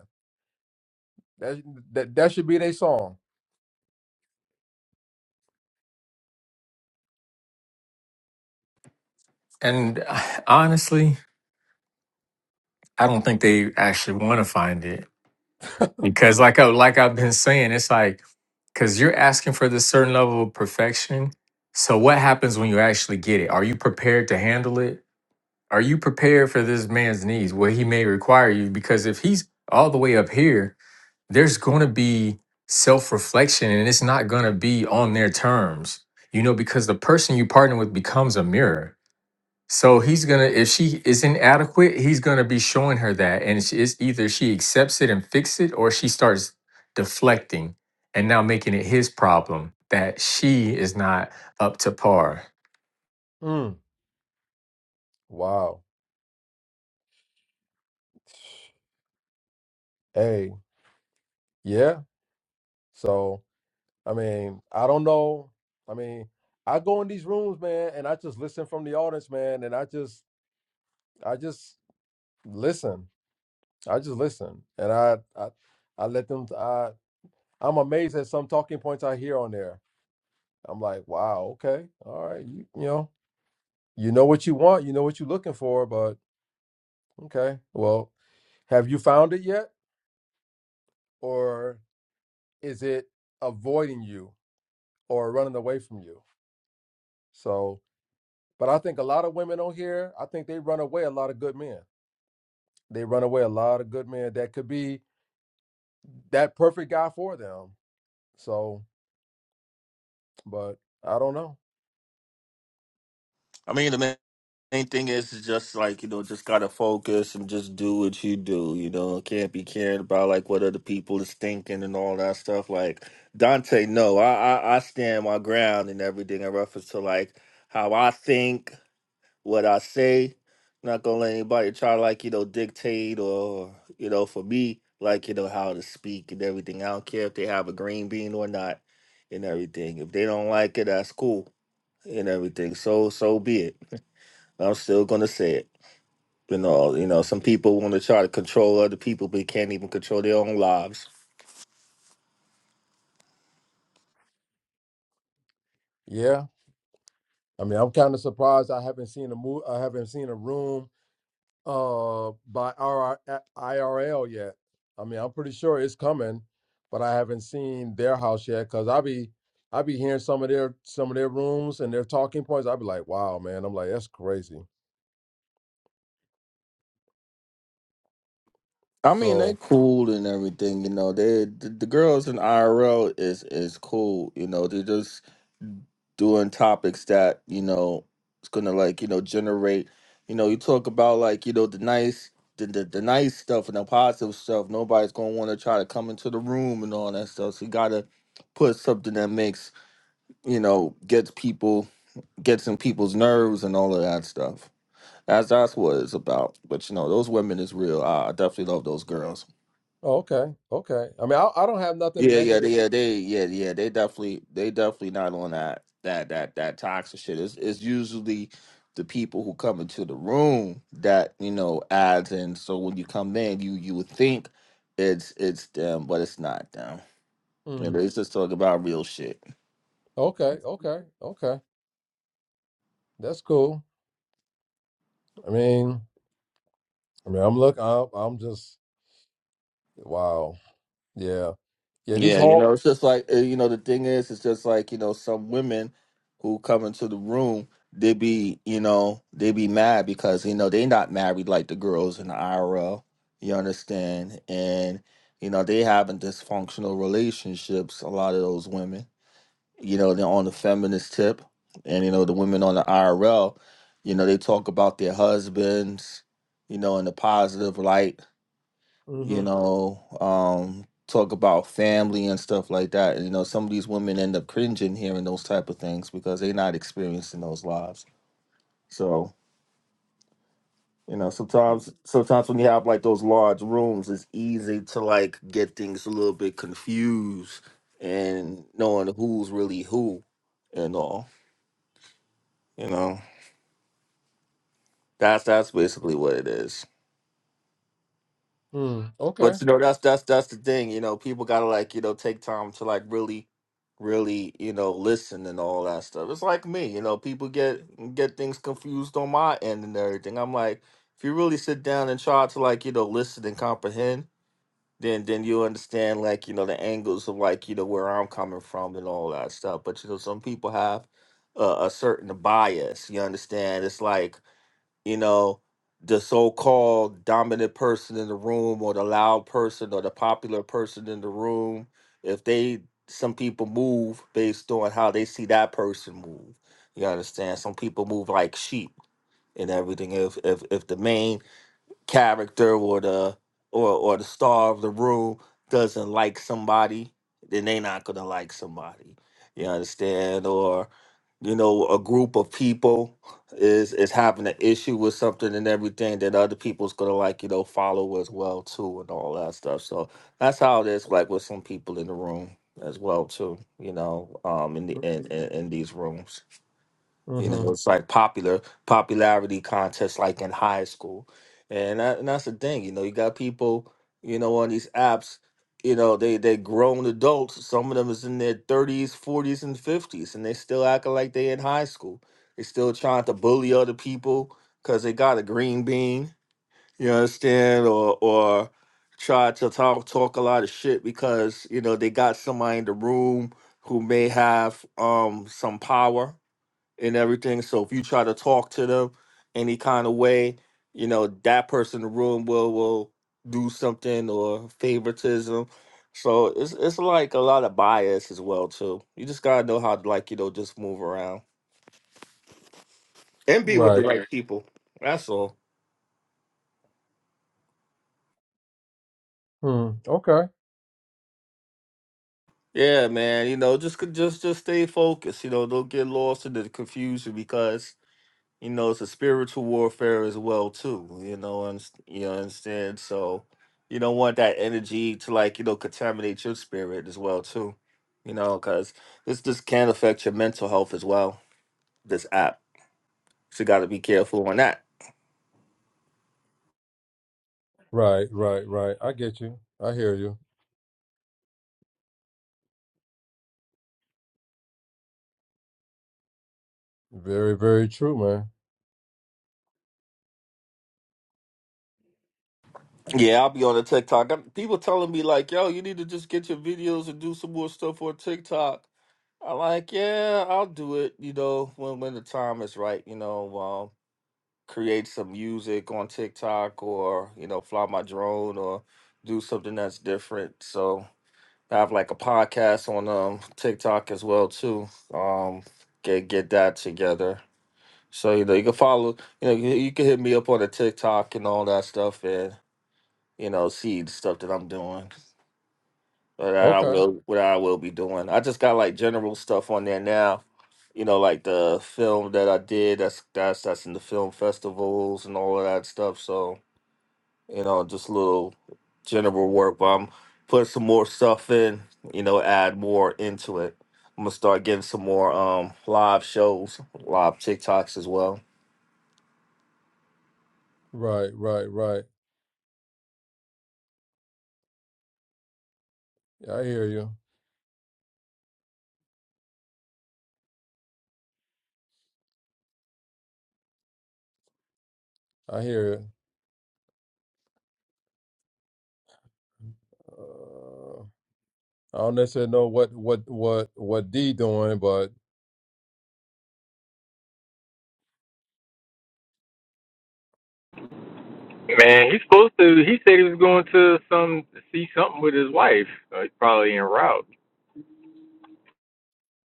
[SPEAKER 5] That that, that should be their song.
[SPEAKER 4] and honestly, I don't think they actually want to find it because, like, I, like I've been saying, it's like because you're asking for this certain level of perfection. So, what happens when you actually get it? Are you prepared to handle it? Are you prepared for this man's needs, what he may require you? Because if he's all the way up here there's going to be self reflection and it's not going to be on their terms, you know, because the person you partner with becomes a mirror. So he's going to, if she is inadequate, he's going to be showing her that. And it's it's either she accepts it and fix it or she starts deflecting and now making it his problem that she is not up to par.
[SPEAKER 5] Mm. Wow. Hey, yeah. So. I mean, I don't know. I mean, I go in these rooms, man, and I just listen from the audience, man, and I just I just listen. I just listen. And I I, I let them I I'm amazed at some talking points I hear on there. I'm like, wow, okay. All right. You, you know, you know what you want, you know what you're looking for, but okay. Well, have you found it yet? Or is it avoiding you or running away from you? So But I think a lot of women on here, I think they run away a lot of good men. They run away a lot of good men that could be that perfect guy for them. So, but I don't know.
[SPEAKER 3] I mean, the main, main thing is is just like you know, just gotta focus and just do what you do. You know, can't be caring about like what other people is thinking and all that stuff. Like Dante, no, I I, I stand my ground and everything in reference to like how I think what I say. Not gonna let anybody try to like, you know, dictate or, you know, for me, like, you know, how to speak and everything. I don't care if they have a green bean or not and everything. If they don't like it, that's cool and everything. So so be it. I'm still gonna say it. You know, you know, some people want to try to control other people but can't even control their own lives.
[SPEAKER 5] Yeah. I mean, I'm kind of surprised I haven't seen a move I haven't seen a room uh by RR IRL yet. I mean, I'm pretty sure it's coming, but I haven't seen their house yet cuz I be I be hearing some of their some of their rooms and their talking points. i be like, "Wow, man." I'm like, "That's crazy."
[SPEAKER 3] I mean,
[SPEAKER 5] So,
[SPEAKER 3] they cool and everything, you know. They the, the girls in IRL is is cool, you know. They're just doing topics that you know it's gonna like you know generate. You know, you talk about like you know the nice the the, the nice stuff and the positive stuff. Nobody's gonna want to try to come into the room and all that stuff. So you gotta put something that makes you know gets people gets in people's nerves and all of that stuff. That's that's what it's about. But you know, those women is real. I, I definitely love those girls.
[SPEAKER 5] Oh, okay, okay. I mean, I, I don't have nothing
[SPEAKER 3] Yeah, yeah, they,
[SPEAKER 5] negative.
[SPEAKER 3] yeah, they, yeah, yeah. They definitely, they definitely not on that that that that toxic shit. It's it's usually the people who come into the room that you know adds in. So when you come in, you you would think it's it's them, but it's not them. You
[SPEAKER 5] Mm.
[SPEAKER 3] know, it's just talking about real shit.
[SPEAKER 5] Okay, okay, okay. That's cool. I mean, I mean, I'm look. I'm, I'm just wow. Yeah, yeah. These
[SPEAKER 3] Yeah, you
[SPEAKER 5] whole.
[SPEAKER 3] know, it's just like uh, you know, the thing is, it's just like you know, some women who come into the room, they be you know, they be mad because you know they not married like the girls in the IRL. You understand, and you know they having dysfunctional relationships. A lot of those women, you know, they're on the feminist tip, and you know the women on the IRL, you know, they talk about their husbands, you know, in a positive light you
[SPEAKER 5] Mm-hmm.
[SPEAKER 3] know, um, talk about family and stuff like that. And you know, some of these women end up cringing hearing those type of things because they're not experiencing those lives. So, you know, sometimes sometimes when you have like those large rooms, it's easy to like get things a little bit confused and knowing who's really who and all. You know. That's that's basically what it is.
[SPEAKER 5] Mm. Okay.
[SPEAKER 3] But you know, that's that's that's the thing. You know, people gotta like you know take time to like really, really you know listen and all that stuff. It's like me, you know, people get get things confused on my end and everything. I'm like, if you really sit down and try to like you know listen and comprehend, then then you understand like you know the angles of like you know where I'm coming from and all that stuff. But you know, some people have a, a certain bias. You understand? It's like you know, the so-called dominant person in the room or the loud person or the popular person in the room, if they some people move based on how they see that person move. You understand? Some people move like sheep and everything. If if if the main character or the or or the star of the room doesn't like somebody, then they not gonna like somebody. You understand? Or you know, a group of people is is having an issue with something and everything that other people's gonna like, you know, follow as well too and all that stuff. So that's how it is like with some people in the room as well too, you know, um in the
[SPEAKER 5] mm,
[SPEAKER 3] in, in, in these rooms. You
[SPEAKER 5] Mm-hmm.
[SPEAKER 3] know, it's like popular popularity contests, like in high school, and, that, and that's the thing. You know, you got people, you know, on these apps. You know, they they grown adults. Some of them is in their thirties, forties, and fifties, and they still acting like they in high school. They still trying to bully other people because they got a green bean. You understand, or or try to talk talk a lot of shit because you know they got somebody in the room who may have um some power and everything. So if you try to talk to them any kind of way, you know, that person in the room will will do something or favoritism. So it's it's like a lot of bias as well too. You just gotta know how to like, you know, just move around. And be with the
[SPEAKER 5] Right.
[SPEAKER 3] right people. That's all.
[SPEAKER 5] Mm. Okay.
[SPEAKER 3] Yeah, man. You know, just c- just just stay focused. You know, don't get lost in the confusion because you know, it's a spiritual warfare as well too. You know, and you know, understand. So you don't want that energy to like you know contaminate your spirit as well too. You know, because this this can affect your mental health as well. This app, so you got to be careful on that.
[SPEAKER 5] Right. Right. Right. I get you. I hear you. Very, very true, man.
[SPEAKER 3] Yeah, I'll be on the TikTok. I'm, people telling me like, "Yo, you need to just get your videos and do some more stuff on TikTok." I'm like, "Yeah, I'll do it." You know, when when the time is right. You know, um, create some music on TikTok or, you know, fly my drone or do something that's different. So I have like a podcast on um TikTok as well too. Um get get that together. So you know you can follow you know you, you can hit me up on the TikTok and all that stuff and you know see the stuff that I'm doing. Or That I
[SPEAKER 5] Okay.
[SPEAKER 3] will what I will be doing. I just got like general stuff on there now. You know, like the film that I did, that's that's that's in the film festivals and all of that stuff. So you know, just a little general work, but I'm putting some more stuff in, you know, add more into it. I'm gonna start getting some more um live shows, live TikToks as well.
[SPEAKER 5] Right. Right. Right. I hear you. I hear you. Uh, I don't necessarily know what what what what D doing, but
[SPEAKER 4] Man, he's supposed to. He said he was going to some see something with his wife. Uh, he's probably en route.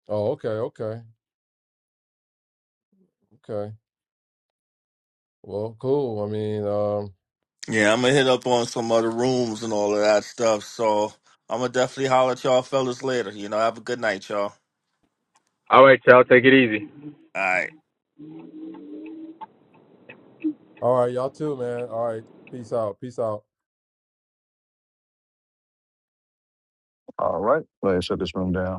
[SPEAKER 5] Oh, okay, okay, okay. Well, cool. I mean, um,
[SPEAKER 3] Yeah, I'm gonna hit up on some other rooms and all of that stuff. So I'm gonna definitely holler at y'all fellas later. You know, have a good night, y'all.
[SPEAKER 4] All right, y'all, take it easy.
[SPEAKER 3] All right.
[SPEAKER 5] all right, y'all too, man. All right, peace out, peace out.
[SPEAKER 1] All right. Let's shut this room down.